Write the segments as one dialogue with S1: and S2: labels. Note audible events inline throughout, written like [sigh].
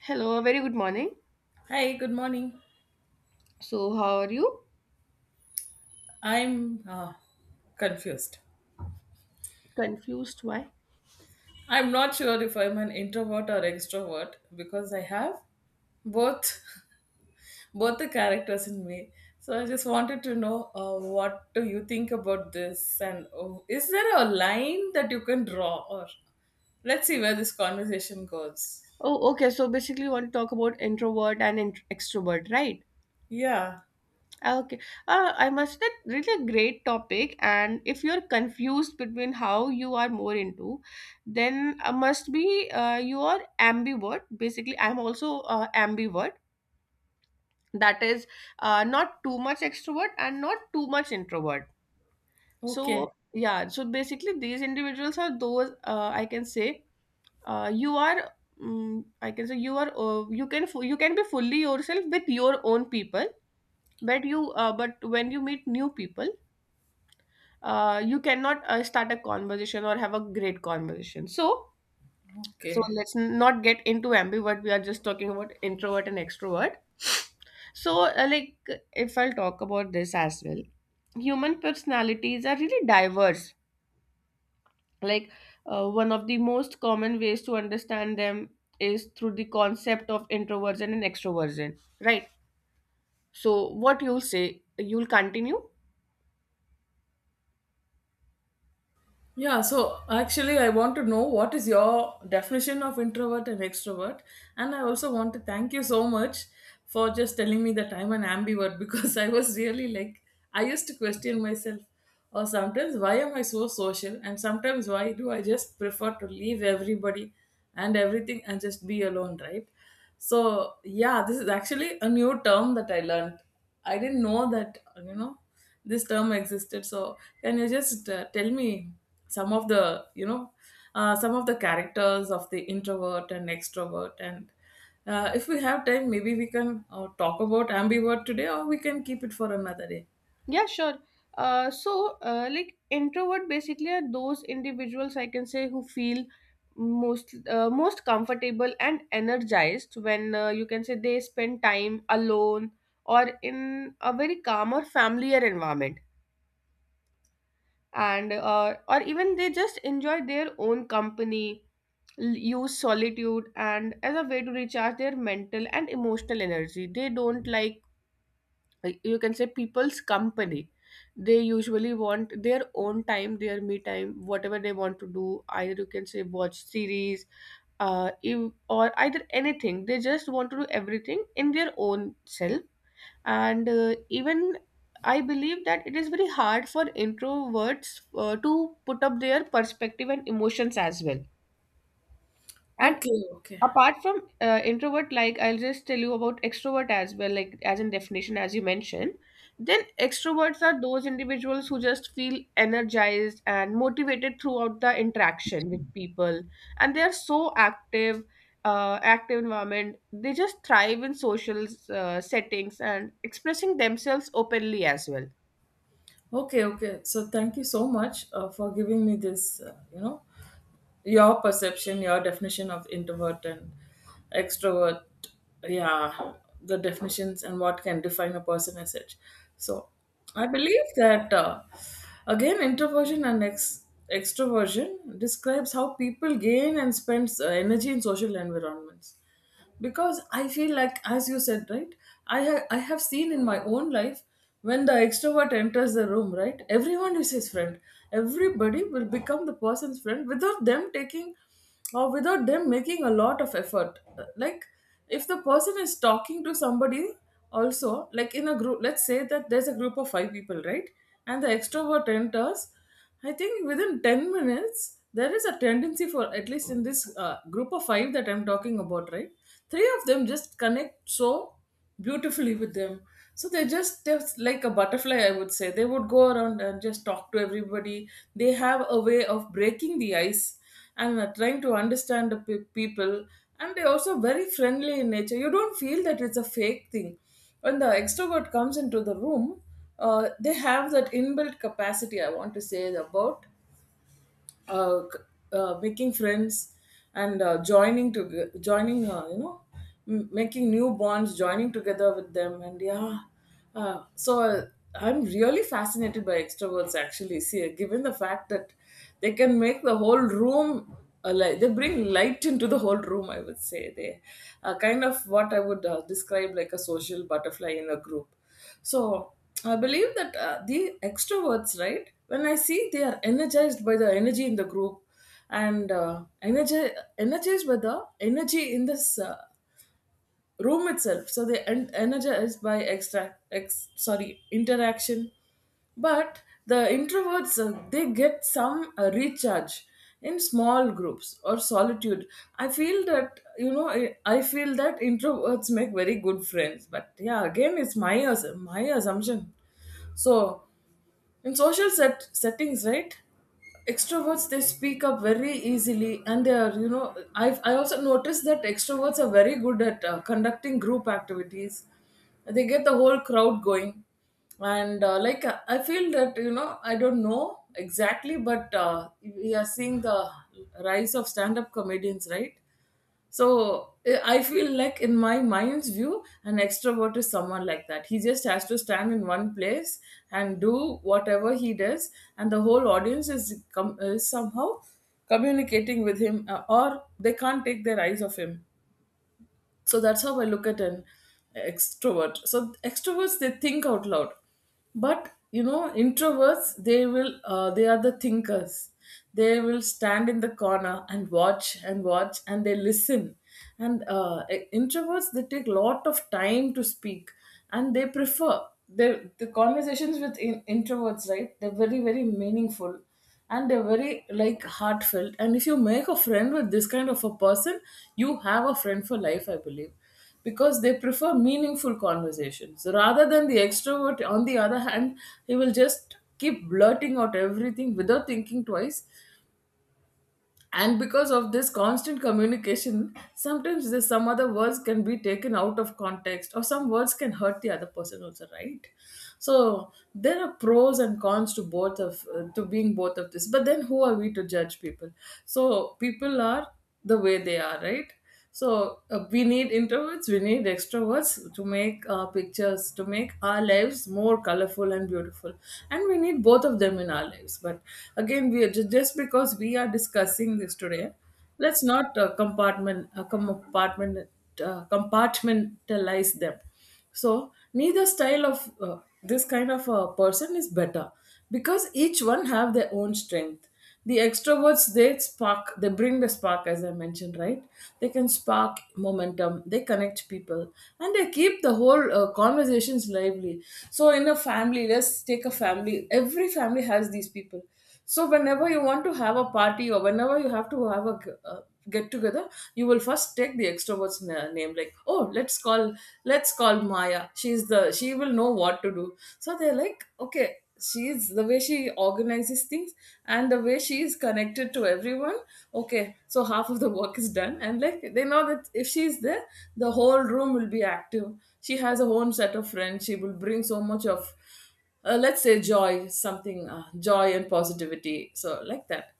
S1: Hello, very good morning.
S2: Hi, good morning.
S1: So, how are you?
S2: I'm confused.
S1: Confused? Why?
S2: I'm not sure if I'm an introvert or extrovert because I have both [laughs] both the characters in me. So I just wanted to know what do you think about this, and is there a line that you can draw, or let's see where this conversation goes.
S1: Oh, okay. So, basically, you want to talk about introvert and extrovert, right?
S2: Yeah.
S1: Ah, okay. I must admit, really a great topic. And if you're confused between how you are more into, then must be you are ambivert. Basically, I'm also ambivert. That is, not too much extrovert and not too much introvert.
S2: Okay.
S1: So, yeah. So, basically, these individuals are those I can say you are I can say you are you can you can be fully yourself with your own people, but you but when you meet new people, you cannot start a conversation or have a great conversation. So
S2: Okay.
S1: let's not get into ambivert, we are just talking about introvert and extrovert. So like if I'll talk about this as well, human personalities are really diverse. Like, one of the most common ways to understand them is through the concept of introversion and extroversion, right? So what you'll say, you'll continue.
S2: Yeah, so actually, I want to know what is your definition of introvert and extrovert, and I also want to thank you so much for just telling me that I'm an ambivert [laughs] because I was really like I used to question myself, or sometimes why am I so social, and sometimes why do I just prefer to leave everybody and everything and just be alone, right? So yeah, this is actually a new term that I learned. I didn't know that this term existed, so can you just tell me some of the you know some of the characters of the introvert and extrovert, and if we have time maybe we can talk about ambivert today, or we can keep it for another day.
S1: Yeah, sure. Like introvert basically are those individuals, I can say, who feel most most comfortable and energized when, you can say, they spend time alone or in a very calm or familiar environment. And or even they just enjoy their own company, use solitude and as a way to recharge their mental and emotional energy. They don't like, you can say, people's company. They usually want their own time, their me time, whatever they want to do, either you can say watch series, if, or either anything, they just want to do everything in their own self. And even I believe that it is very hard for introverts to put up their perspective and emotions as well. And
S2: Okay, okay.
S1: apart from introvert, like I'll just tell you about extrovert as well, like as in definition as you mentioned. Then extroverts are those individuals who just feel energized and motivated throughout the interaction with people, and they are so active. Active environment, they just thrive in social settings and expressing themselves openly as well.
S2: Okay, okay. So thank you so much for giving me this, your perception, your definition of introvert and extrovert. Yeah, the definitions and what can define a person as such. So I believe that, again, introversion and extroversion describes how people gain and spends energy in social environments, because I feel like, as you said, right, I have seen in my own life when the extrovert enters the room, right, everyone is his friend. Everybody will become the person's friend without them taking, or without them making a lot of effort. Like, if the person is talking to somebody, also like in a group, let's say that there's a group of five people, right, and the extrovert enters. I think within 10 minutes, there is a tendency for, at least in this group of five that I'm talking about, right? Three of them just connect so beautifully with them. So they just, they're like a butterfly, I would say. They would go around and just talk to everybody. They have a way of breaking the ice and trying to understand the people. And they're also very friendly in nature. You don't feel that it's a fake thing when the extrovert comes into the room. They have that inbuilt capacity, I want to say, about uh, c- making friends, and joining to joining you know m- making new bonds, joining together with them, and yeah. uh, so uh, I'm really fascinated by extroverts, actually, see, given the fact that they can make the whole room a light. They bring light into the whole room, I would say. They are kind of what I would describe like a social butterfly in a group. So I believe that the extroverts, right? When I see, they are energized by the energy in the group, and energized by the energy in this room itself. So they energized by sorry, interaction. But the introverts, they get some recharge in small groups or solitude. I feel that introverts make very good friends. But yeah, again, it's my assumption. So in social settings, right, extroverts, they speak up very easily, and they are, I also noticed that extroverts are very good at conducting group activities. They get the whole crowd going. And I feel that, I don't know exactly, but we are seeing the rise of stand up comedians, right? So I feel like, in my mind's view, an extrovert is someone like that. He just has to stand in one place and do whatever he does, and the whole audience is somehow communicating with him, or they can't take their eyes off him. So that's how I look at an extrovert. So extroverts, they think out loud, but you know introverts, they will, they are the thinkers. They will stand in the corner and watch and watch, and they listen. And introverts, they take lot of time to speak, and they prefer the conversations with, introverts, right? They're very very meaningful, and they're very like heartfelt. And if you make a friend with this kind of a person, you have a friend for life, I believe, because they prefer meaningful conversations, rather than the extrovert on the other hand, he will just keep blurting out everything without thinking twice. And because of this constant communication, sometimes there's some other words can be taken out of context, or some words can hurt the other person also, right? So there are pros and cons to both of, to being both of this, but then who are we to judge people. So people are the way they are, right? So we need introverts, we need extroverts, to make our pictures, to make our lives more colorful and beautiful. And we need both of them in our lives. But again, we are just because we are discussing this today, let's not compartmentalize them. So neither style of this kind of a person is better, because each one have their own strength. The extroverts, they spark, they bring the spark, as I mentioned, right? They can spark momentum, they connect people, and they keep the whole conversations lively. So in a family, let's take a family, every family has these people. So whenever you want to have a party, or whenever you have to have a get together, you will first take the extrovert's name, like, oh, let's call Maya. She will know what to do. So they're like, okay, she's the way she organizes things and the way she is connected to everyone. Okay, so half of the work is done, and like, they know that if she's there, the whole room will be active. She has a own set of friends. She will bring so much of, let's say joy, something, joy and positivity, so like that.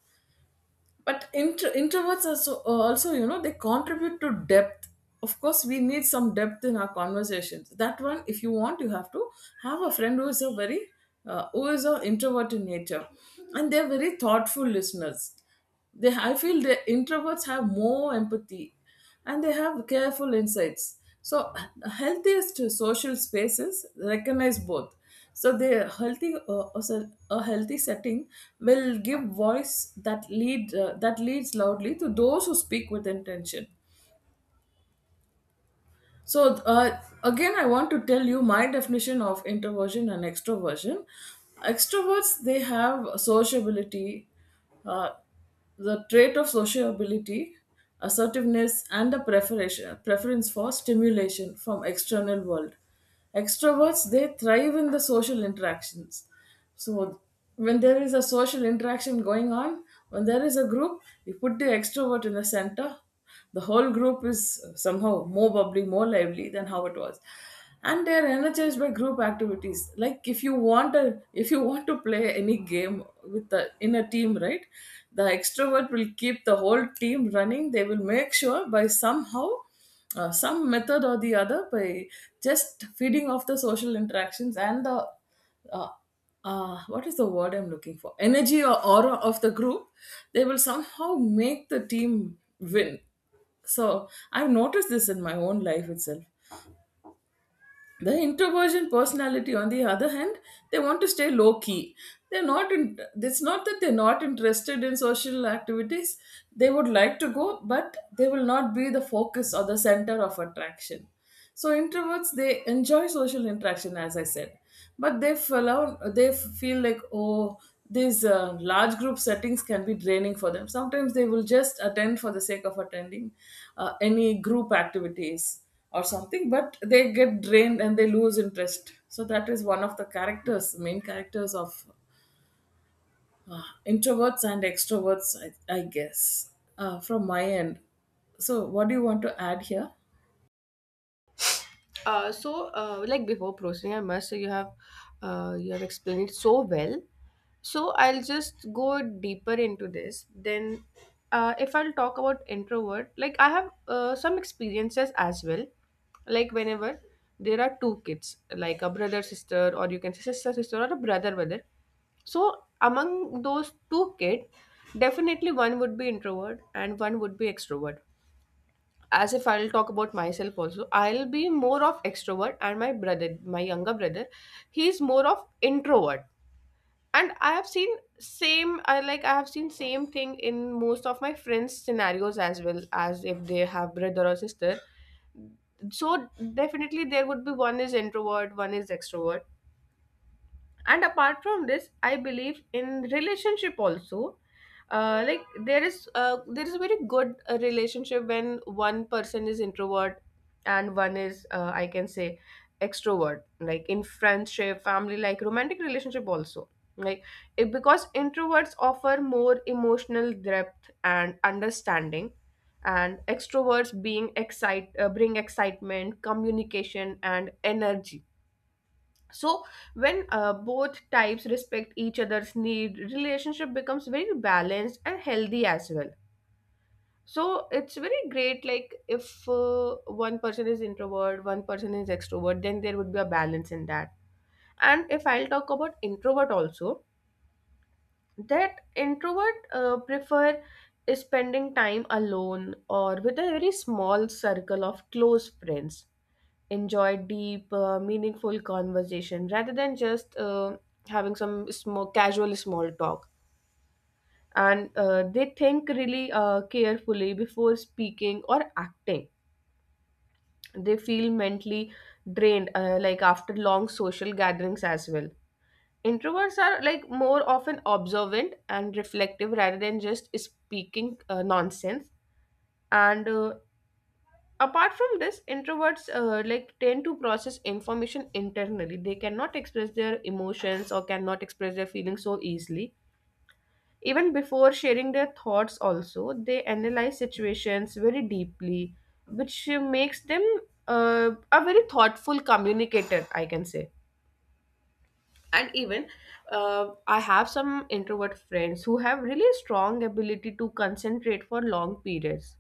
S2: But introverts are so, also you know, they contribute to depth. Of course we need some depth in our conversations, that one. If you want, you have to have a friend who is a very, who is an introvert in nature. And they're very thoughtful listeners. They, I feel, the introverts have more empathy, and they have careful insights. So, healthiest social spaces recognize both. So, the healthy also a healthy setting will give voice that lead that leads loudly to those who speak with intention. So, again, I want to tell you my definition of introversion and extroversion. Extroverts, they have sociability, uh, the trait of sociability, assertiveness, and a preference for stimulation from external world. Extroverts, they thrive in the social interactions. So, when there is a social interaction going on, when there is a group, you put the extrovert in the center, the whole group is somehow more bubbly, more lively than how it was. And they're energized by group activities. Like, if you want a, if you want to play any game with the in a team, right? The extrovert will keep the whole team running. They will make sure by somehow, some method or the other, by just feeding off the social interactions and the uh, what is the word I'm looking for? Energy or aura of the group, they will somehow make the team win. So I've noticed this in my own life itself. The introversion personality, on the other hand, they want to stay low key. They're not. It's not that they're not interested in social activities. They would like to go, but they will not be the focus or the center of attraction. So introverts, they enjoy social interaction, as I said, but they feel like, oh, these large group settings can be draining for them. Sometimes they will just attend for the sake of attending any group activities or something, but they get drained and they lose interest. So that is one of the characters main characters of introverts and extroverts, I guess, from my end. So what do you want to add here?
S1: Like before proceeding, I must say you have explained it so well. So I'll just go deeper into this. Then, if I'll talk about introvert, like I have some experiences as well. Like whenever there are two kids, like a brother sister, or you can say sister sister or a brother brother, so among those two kids, definitely one would be introvert and one would be extrovert. As if I'll talk about myself also, I'll be more of extrovert and my brother, my younger brother, he's more of introvert. And I have seen same, I have seen same thing in most of my friends scenarios as well, as if they have brother or sister. So definitely there would be one is introvert, one is extrovert. And apart from this, I believe in relationship also. Like there is a very good relationship when one person is introvert and one is, I can say, extrovert, like in friendship, family, like romantic relationship also. Like it, because introverts offer more emotional depth and understanding, and extroverts, being excite bring excitement, communication and energy. So when both types respect each other's need, relationship becomes very balanced and healthy as well. So it's very great, like if one person is introvert, one person is extrovert, then there would be a balance in that. And if I'll talk about introvert also, that introvert prefer spending time alone or with a very small circle of close friends, enjoy deep, meaningful conversation rather than just having some small, casual small talk. And they think really carefully before speaking or acting. They feel mentally drained, like after long social gatherings as well. Introverts are like more often observant and reflective rather than just speaking nonsense. And apart from this, introverts like tend to process information internally. They cannot express their emotions or cannot express their feelings so easily. Even before sharing their thoughts also, they analyze situations very deeply, which makes them a very thoughtful communicator, I can say. And even I have some introvert friends who have really strong ability to concentrate for long periods,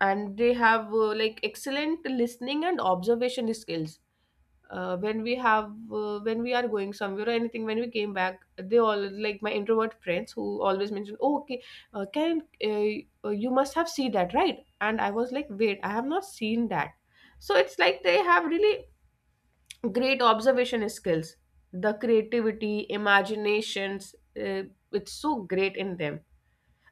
S1: and they have like excellent listening and observation skills. When we are going somewhere or anything, when we came back, they all, like my introvert friends, who always mention, oh, okay, can you must have seen that, right? And I was like, wait, I have not seen that. So it's like they have really great observation skills. The creativity, imaginations, uh, it's so great in them.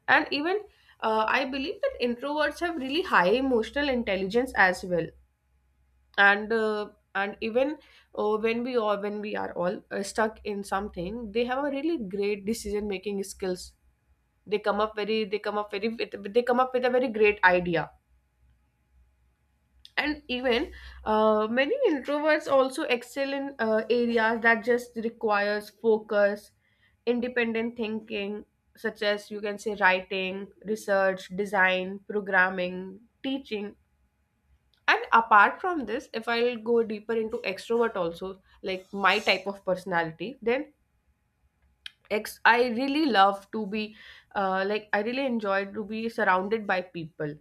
S1: And even I believe that introverts have really high emotional intelligence as well. And and even when we all when we are all stuck in something, they have a really great decision making skills. They come up very, they come up with a very great idea. And even many introverts also excel in areas that just requires focus, independent thinking, such as, you can say, writing, research, design, programming, teaching. And apart from this, if I'll go deeper into extrovert also, like my type of personality, then ex I really love to be, like I really enjoy to be surrounded by people.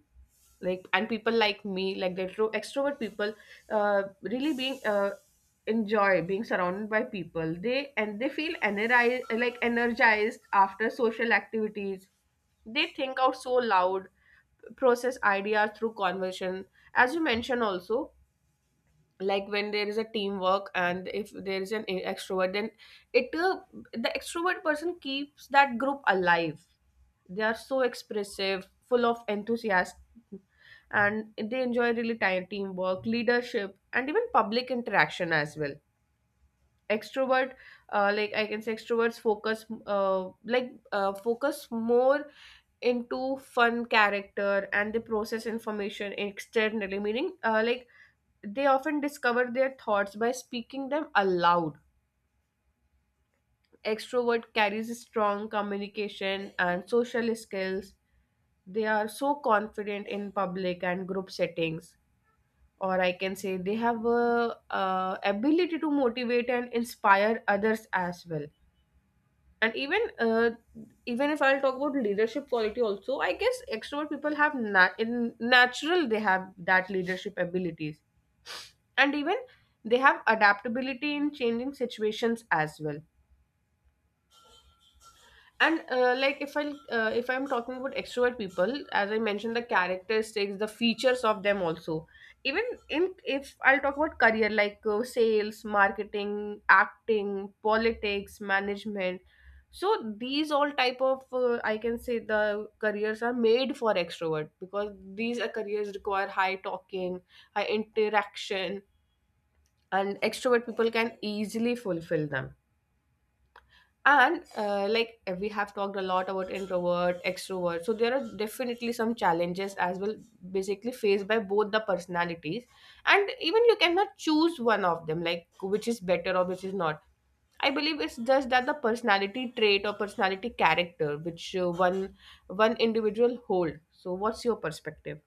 S1: Like, and people like me, like the extrovert people, really being enjoy being surrounded by people. They, and they feel energized, like energized after social activities. They think out so loud, process ideas through conversation, as you mentioned also. Like when there is a teamwork, and if there is an extrovert, then it, the extrovert person keeps that group alive. They are so expressive, full of enthusiasm, and they enjoy really tight teamwork, leadership, and even public interaction as well. Extrovert, like I can say, extroverts focus, focus more into fun character, and they process information externally, meaning like they often discover their thoughts by speaking them aloud. Extrovert carries strong communication and social skills. They are so confident in public and group settings, or I can say they have a, ability to motivate and inspire others as well. And even even if I'll talk about leadership quality also, I guess extrovert people have in natural they have that leadership abilities. And even they have adaptability in changing situations as well. And like if I, if I'm talking about extrovert people, as I mentioned the characteristics, the features of them also, even in, if I'll talk about career, like sales, marketing, acting, politics, management, so these all type of, I can say, the careers are made for extrovert, because these are careers require high talking, high interaction, and extrovert people can easily fulfill them. And we have talked a lot about introvert extrovert, so there are definitely some challenges as well, basically faced by both the personalities. And even you cannot choose one of them, like which is better or which is not. I believe it's just that the personality trait or personality character which one individual hold. So what's your perspective,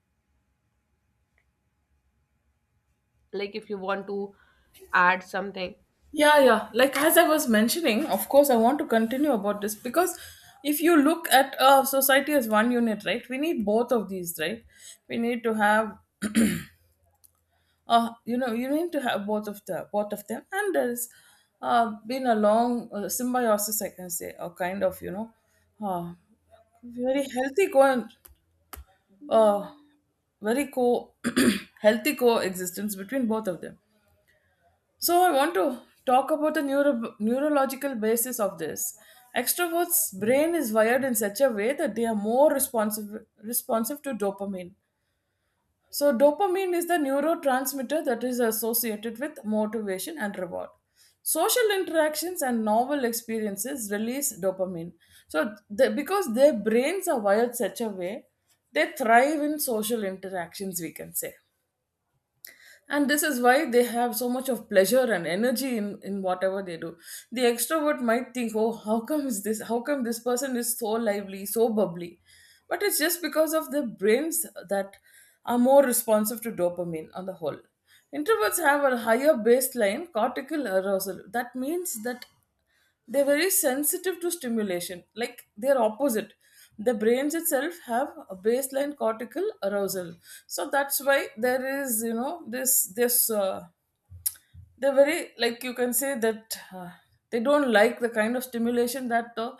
S1: like if you want to add something?
S2: Yeah, yeah. Like, as I was mentioning, of course, I want to continue about this, because if you look at society as one unit, right, we need both of these, right? We need to have you need to have both of them and there's been a long symbiosis, I can say, a kind of, uh very healthy co uh very co [clears throat] healthy coexistence between both of them. So I want to talk about the neurological basis of this. Extroverts' brain is wired in such a way that they are more responsive to dopamine. So, dopamine is the neurotransmitter that is associated with motivation and reward. Social interactions and novel experiences release dopamine. So, they, because their brains are wired such a way, they thrive in social interactions, we can say, and this is why they have so much of pleasure and energy in whatever they do. The extrovert might think, oh, how come this person is so lively, so bubbly? But it's just because of their brains that are more responsive to dopamine on the whole. Introverts have a higher baseline cortical arousal. That means that they're very sensitive to stimulation, like they're opposite. The brains itself have a baseline cortical arousal. So that's why there is, you know this this they're very, like, you can say that, they don't like the kind of stimulation that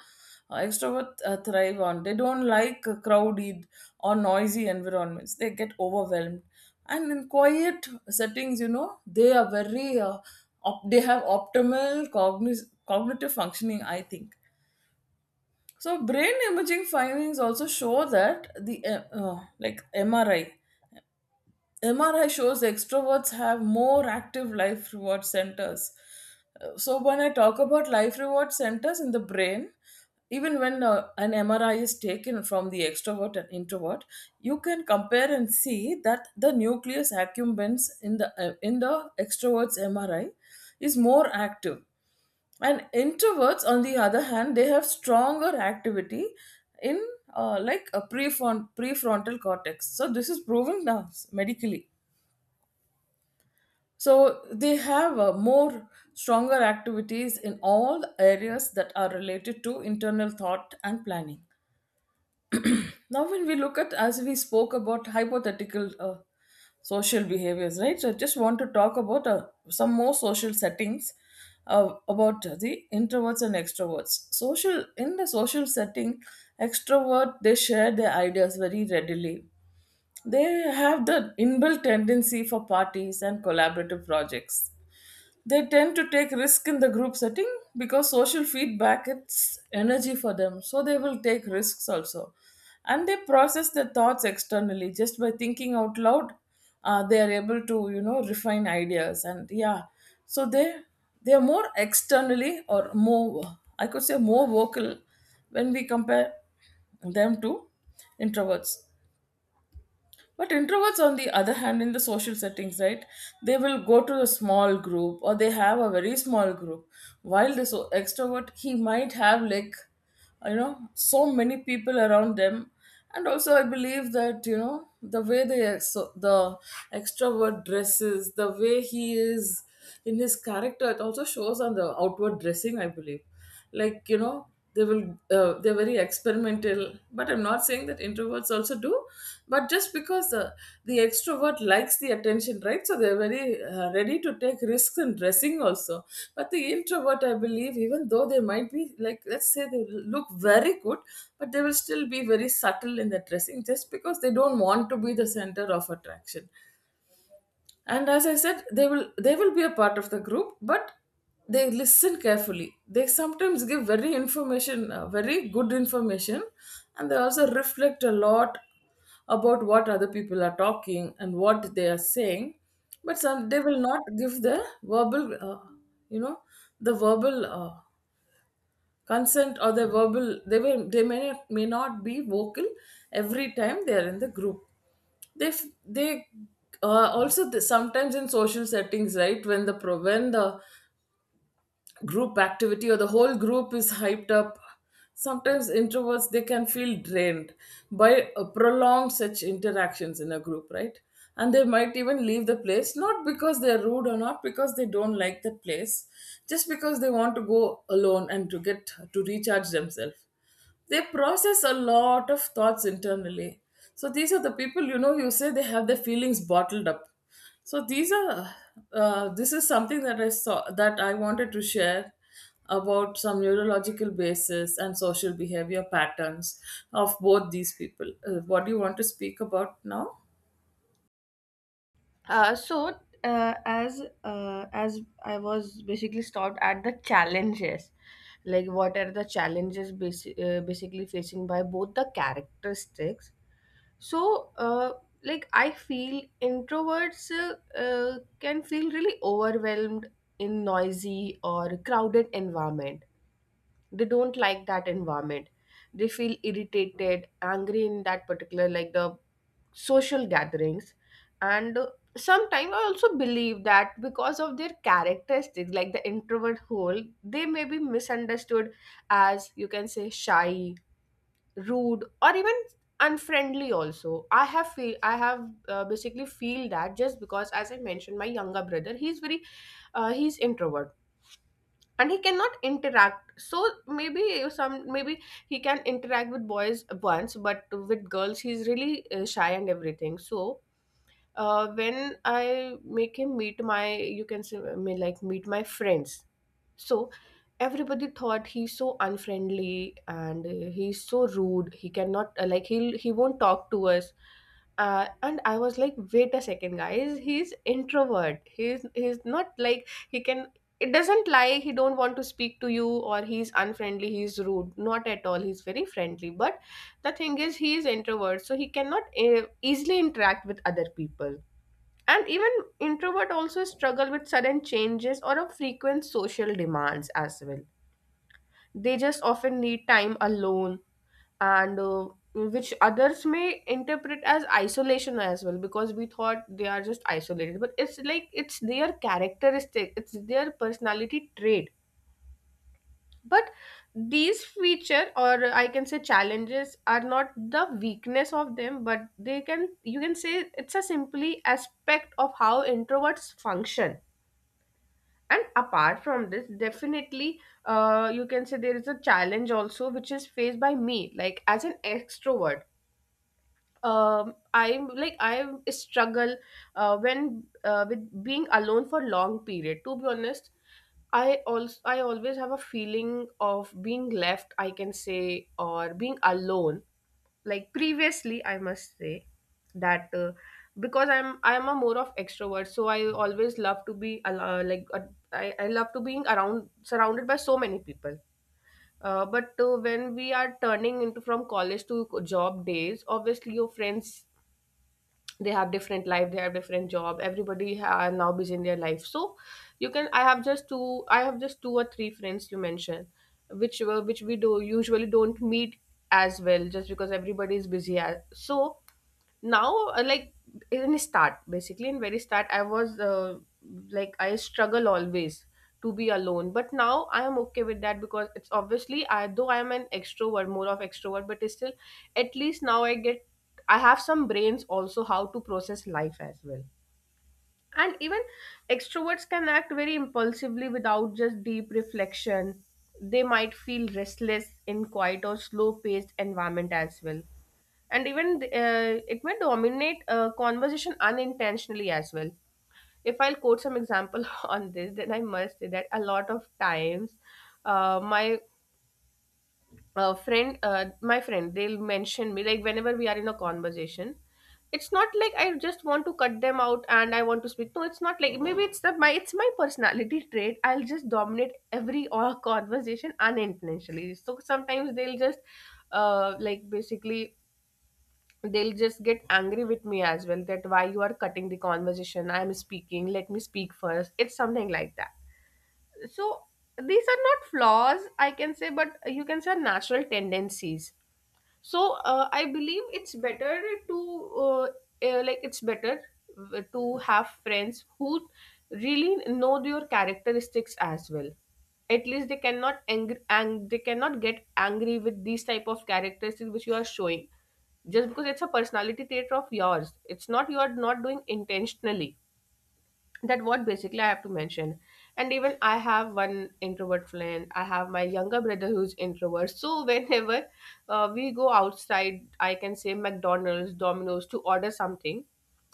S2: extroverts thrive on. They don't like crowded or noisy environments, they get overwhelmed. And in quiet settings, you know, they are very, they have optimal cognitive functioning, I think. So brain imaging findings also show that the like MRI shows extroverts have more active life reward centers. So, when I talk about life reward centers in the brain, even when an MRI is taken from the extrovert and introvert, you can compare and see that the nucleus accumbens in the extrovert's MRI is more active, and introverts, on the other hand, they have stronger activity in like a prefrontal cortex. So this is proven now medically. So they have more stronger activities in all the areas that are related to internal thought and planning. Now, when we look at, as we spoke about hypothetical social behaviors, right? So I just want to talk about some more social settings about the introverts and extroverts. Social in the social setting, extrovert, they share their ideas very readily. They have the inbuilt tendency for parties and collaborative projects. They tend to take risk in the group setting because social feedback, it's energy for them. So they will take risks also. And they process their thoughts externally just by thinking out loud. They are able to, you know, refine ideas, and yeah. So they are more externally, or more, I could say, more vocal when we compare them to introverts. But introverts, on the other hand, in the social settings, right, they will go to a small group, or they have a very small group. While this extrovert, he might have, like, you know, so many people around them. And also, I believe that, you know, the way the extrovert dresses, the way he is in his character, it also shows on the outward dressing. I believe, like, you know, they will, they're very experimental. But I'm not saying that introverts also do, but just because, the extrovert likes the attention, right, so they're very ready to take risks in dressing also. But the introvert, I believe, even though they might be, like, let's say, they look very good, but they will still be very subtle in their dressing just because they don't want to be the center of attraction. And as I said, they will, they will be a part of the group, but they listen carefully. They sometimes give very information, very good information, and they also reflect a lot about what other people are talking and what they are saying. But some, they will not give the verbal, you know the verbal, consent or the verbal, they will, they may not be vocal every time they are in the group. They f- they also th- Sometimes in social settings, right, when the pro when the group activity or the whole group is hyped up, sometimes introverts, they can feel drained by prolonged such interactions in a group, right. And they might even leave the place, not because they're rude or not because they don't like that place, just because they want to go alone and to get to recharge themselves. They process a lot of thoughts internally. So these are the people, you know, you say they have their feelings bottled up. So these are, this is something that I saw that I wanted to share about some neurological basis and social behavior patterns of both these people. What do you want to speak about now?
S1: So as I was basically stopped at the challenges, like what are the challenges basically facing by both the characteristics. So like I feel introverts can feel really overwhelmed in noisy or crowded environment. They don't like that environment, they feel irritated, angry in that particular, like the social gatherings. And sometimes I also believe that because of their characteristics, like the introvert whole, they may be misunderstood as, you can say, shy, rude, or even unfriendly also. I have feel, I have basically feel that, just because, as I mentioned, my younger brother, he's very he's introvert, and he cannot interact. So maybe some, maybe he can interact with boys once, but with girls he's really shy and everything. So when I make him meet my, you can say, me like, meet my friends, so everybody thought he's so unfriendly, and he's so rude. He cannot, like he won't talk to us. And I was like, wait a second, guys. He's introvert. He's not like he can. It doesn't lie. He don't want to speak to you, or he's unfriendly. He's rude. Not at all. He's very friendly. But the thing is, he is introvert, so he cannot easily interact with other people. And even introvert also struggle with sudden changes or a frequent social demands as well. They just often need time alone. And which others may interpret as isolation as well, because we thought they are just isolated, but it's like it's their characteristic, it's their personality trait. But these feature, or I can say challenges, are not the weakness of them, but they can, you can say it's a simply aspect of how introverts function. And apart from this, definitely you can say there is a challenge also, which is faced by me, like as an extrovert. I like I struggle when with being alone for long period, to be honest. I also I always have a feeling of being left, I can say, or being alone. Like previously, I must say that because I'm a more of extrovert, so I always love to be I love to being around, surrounded by so many people. But when we are turning into from college to job days, obviously your friends, they have different life, they have different job, everybody are now busy in their life. So you can, I have just two I have just two or three friends you mentioned, which were, which we do usually don't meet as well, just because everybody is busy as, so now like in start, basically in very start, I was like I struggle always to be alone, but now I am okay with that, because it's obviously, I though I am an extrovert, more of extrovert, but still at least now I get, I have some brains also how to process life as well. And even extroverts can act very impulsively without just deep reflection. They might feel restless in quiet or slow paced environment as well. And even it may dominate conversation unintentionally as well. If I'll quote some example [laughs] on this, then I must say that a lot of times uh, my my friend they'll mention me, like whenever we are in a conversation, it's not like I just want to cut them out and I want to speak. No, it's not like, maybe it's the my, it's my personality trait, I'll just dominate every [laughs] or conversation unintentionally, so sometimes they'll just like basically they'll just get angry with me as well, that why you are cutting the conversation, I am speaking, let me speak first, it's something like that. So these are not flaws, I can say, but you can say natural tendencies. So I believe it's better to like it's better to have friends who really know your characteristics as well. At least they cannot angry, and they cannot get angry with these type of characteristics which you are showing, just because it's a personality trait of yours, it's not, you are not doing intentionally. That what basically I have to mention. And even I have one introvert friend. I have my younger brother who's introvert. So [laughs] whenever we go outside, I can say McDonald's, Domino's, to order something.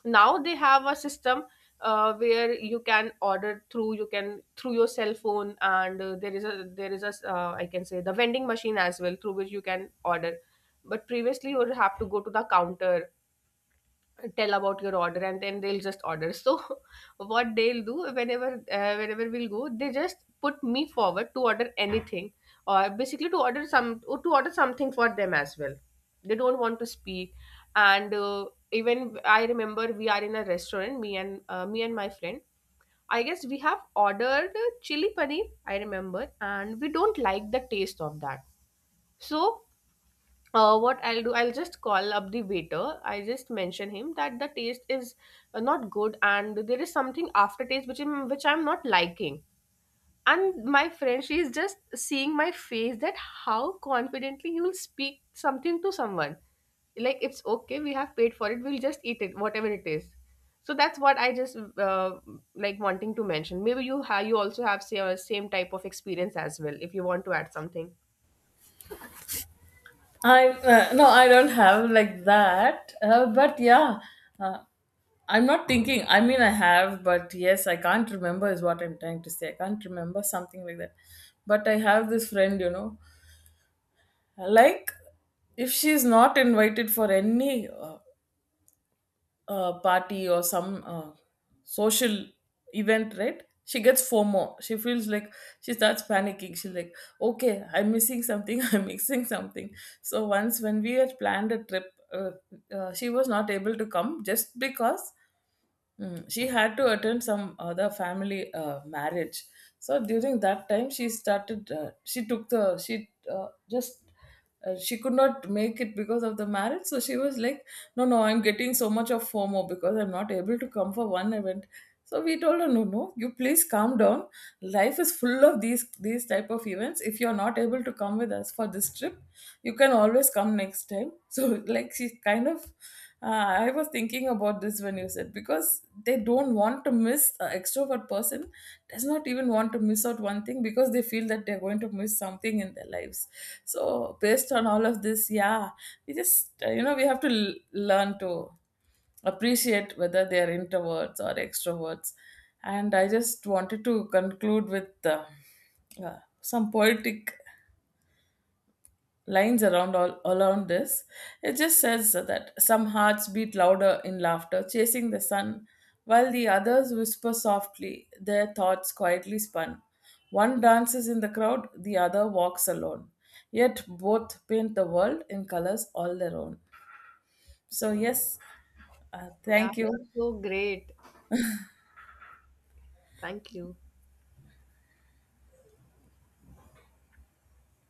S1: Now they have a system where you can order through, you can through your cell phone, and there is a I can say the vending machine as well, through which you can order. But previously you would have to go to the counter, tell about your order, and then they'll just order. So [laughs] what they'll do, whenever whenever we'll go, they just put me forward to order anything, or basically to order some, or to order something for them as well. They don't want to speak. And even I remember we are in a restaurant, me and my friend, I guess we have ordered chili paneer, I remember, and we don't like the taste of that. So what I'll do, I'll just call up the waiter. I just mention him that the taste is not good, and there is something aftertaste which which I'm not liking. And my friend, she is just seeing my face, that how confidently you'll speak something to someone. Like it's okay, we have paid for it, we'll just eat it, whatever it is. So that's what I just like wanting to mention. Maybe you have, you also have same type of experience as well. If you want to add something,
S2: I, no, I don't have like that. But yeah, uh, I'm not thinking. I mean, I have, but yes, I can't remember is what I'm trying to say. I can't remember something like that. But I have this friend, you know, like, if she's not invited for any, party or some, social event, right? She gets FOMO. She feels like she starts panicking. She's like, okay, I'm missing something. [laughs] I'm missing something. So once when we had planned a trip, uh, she was not able to come just because. Mm, she had to attend some other family marriage. So during that time, she started. She took the. She just. She could not make it because of the marriage. So she was like, "No, no, I'm getting so much of FOMO because I'm not able to come for one event." So we told her, "No, no, you please calm down. Life is full of these type of events. If you're not able to come with us for this trip, you can always come next time." [laughs] So, like, she kind of, I was thinking about this when you said, because they don't want to miss. An extrovert person does not even want to miss out one thing because they feel that they're going to miss something in their lives. So based on all of this, yeah, we just, you know, we have to learn to appreciate whether they are introverts or extroverts. And I just wanted to conclude with, some poetic lines around, all around this. It just says that some hearts beat louder in laughter, chasing the sun, while the others whisper softly, their thoughts quietly spun. One dances in the crowd, the other walks alone, yet both paint the world in colors all their own. So yes,
S1: yeah,
S2: thank you.
S1: it's so great. Thank you.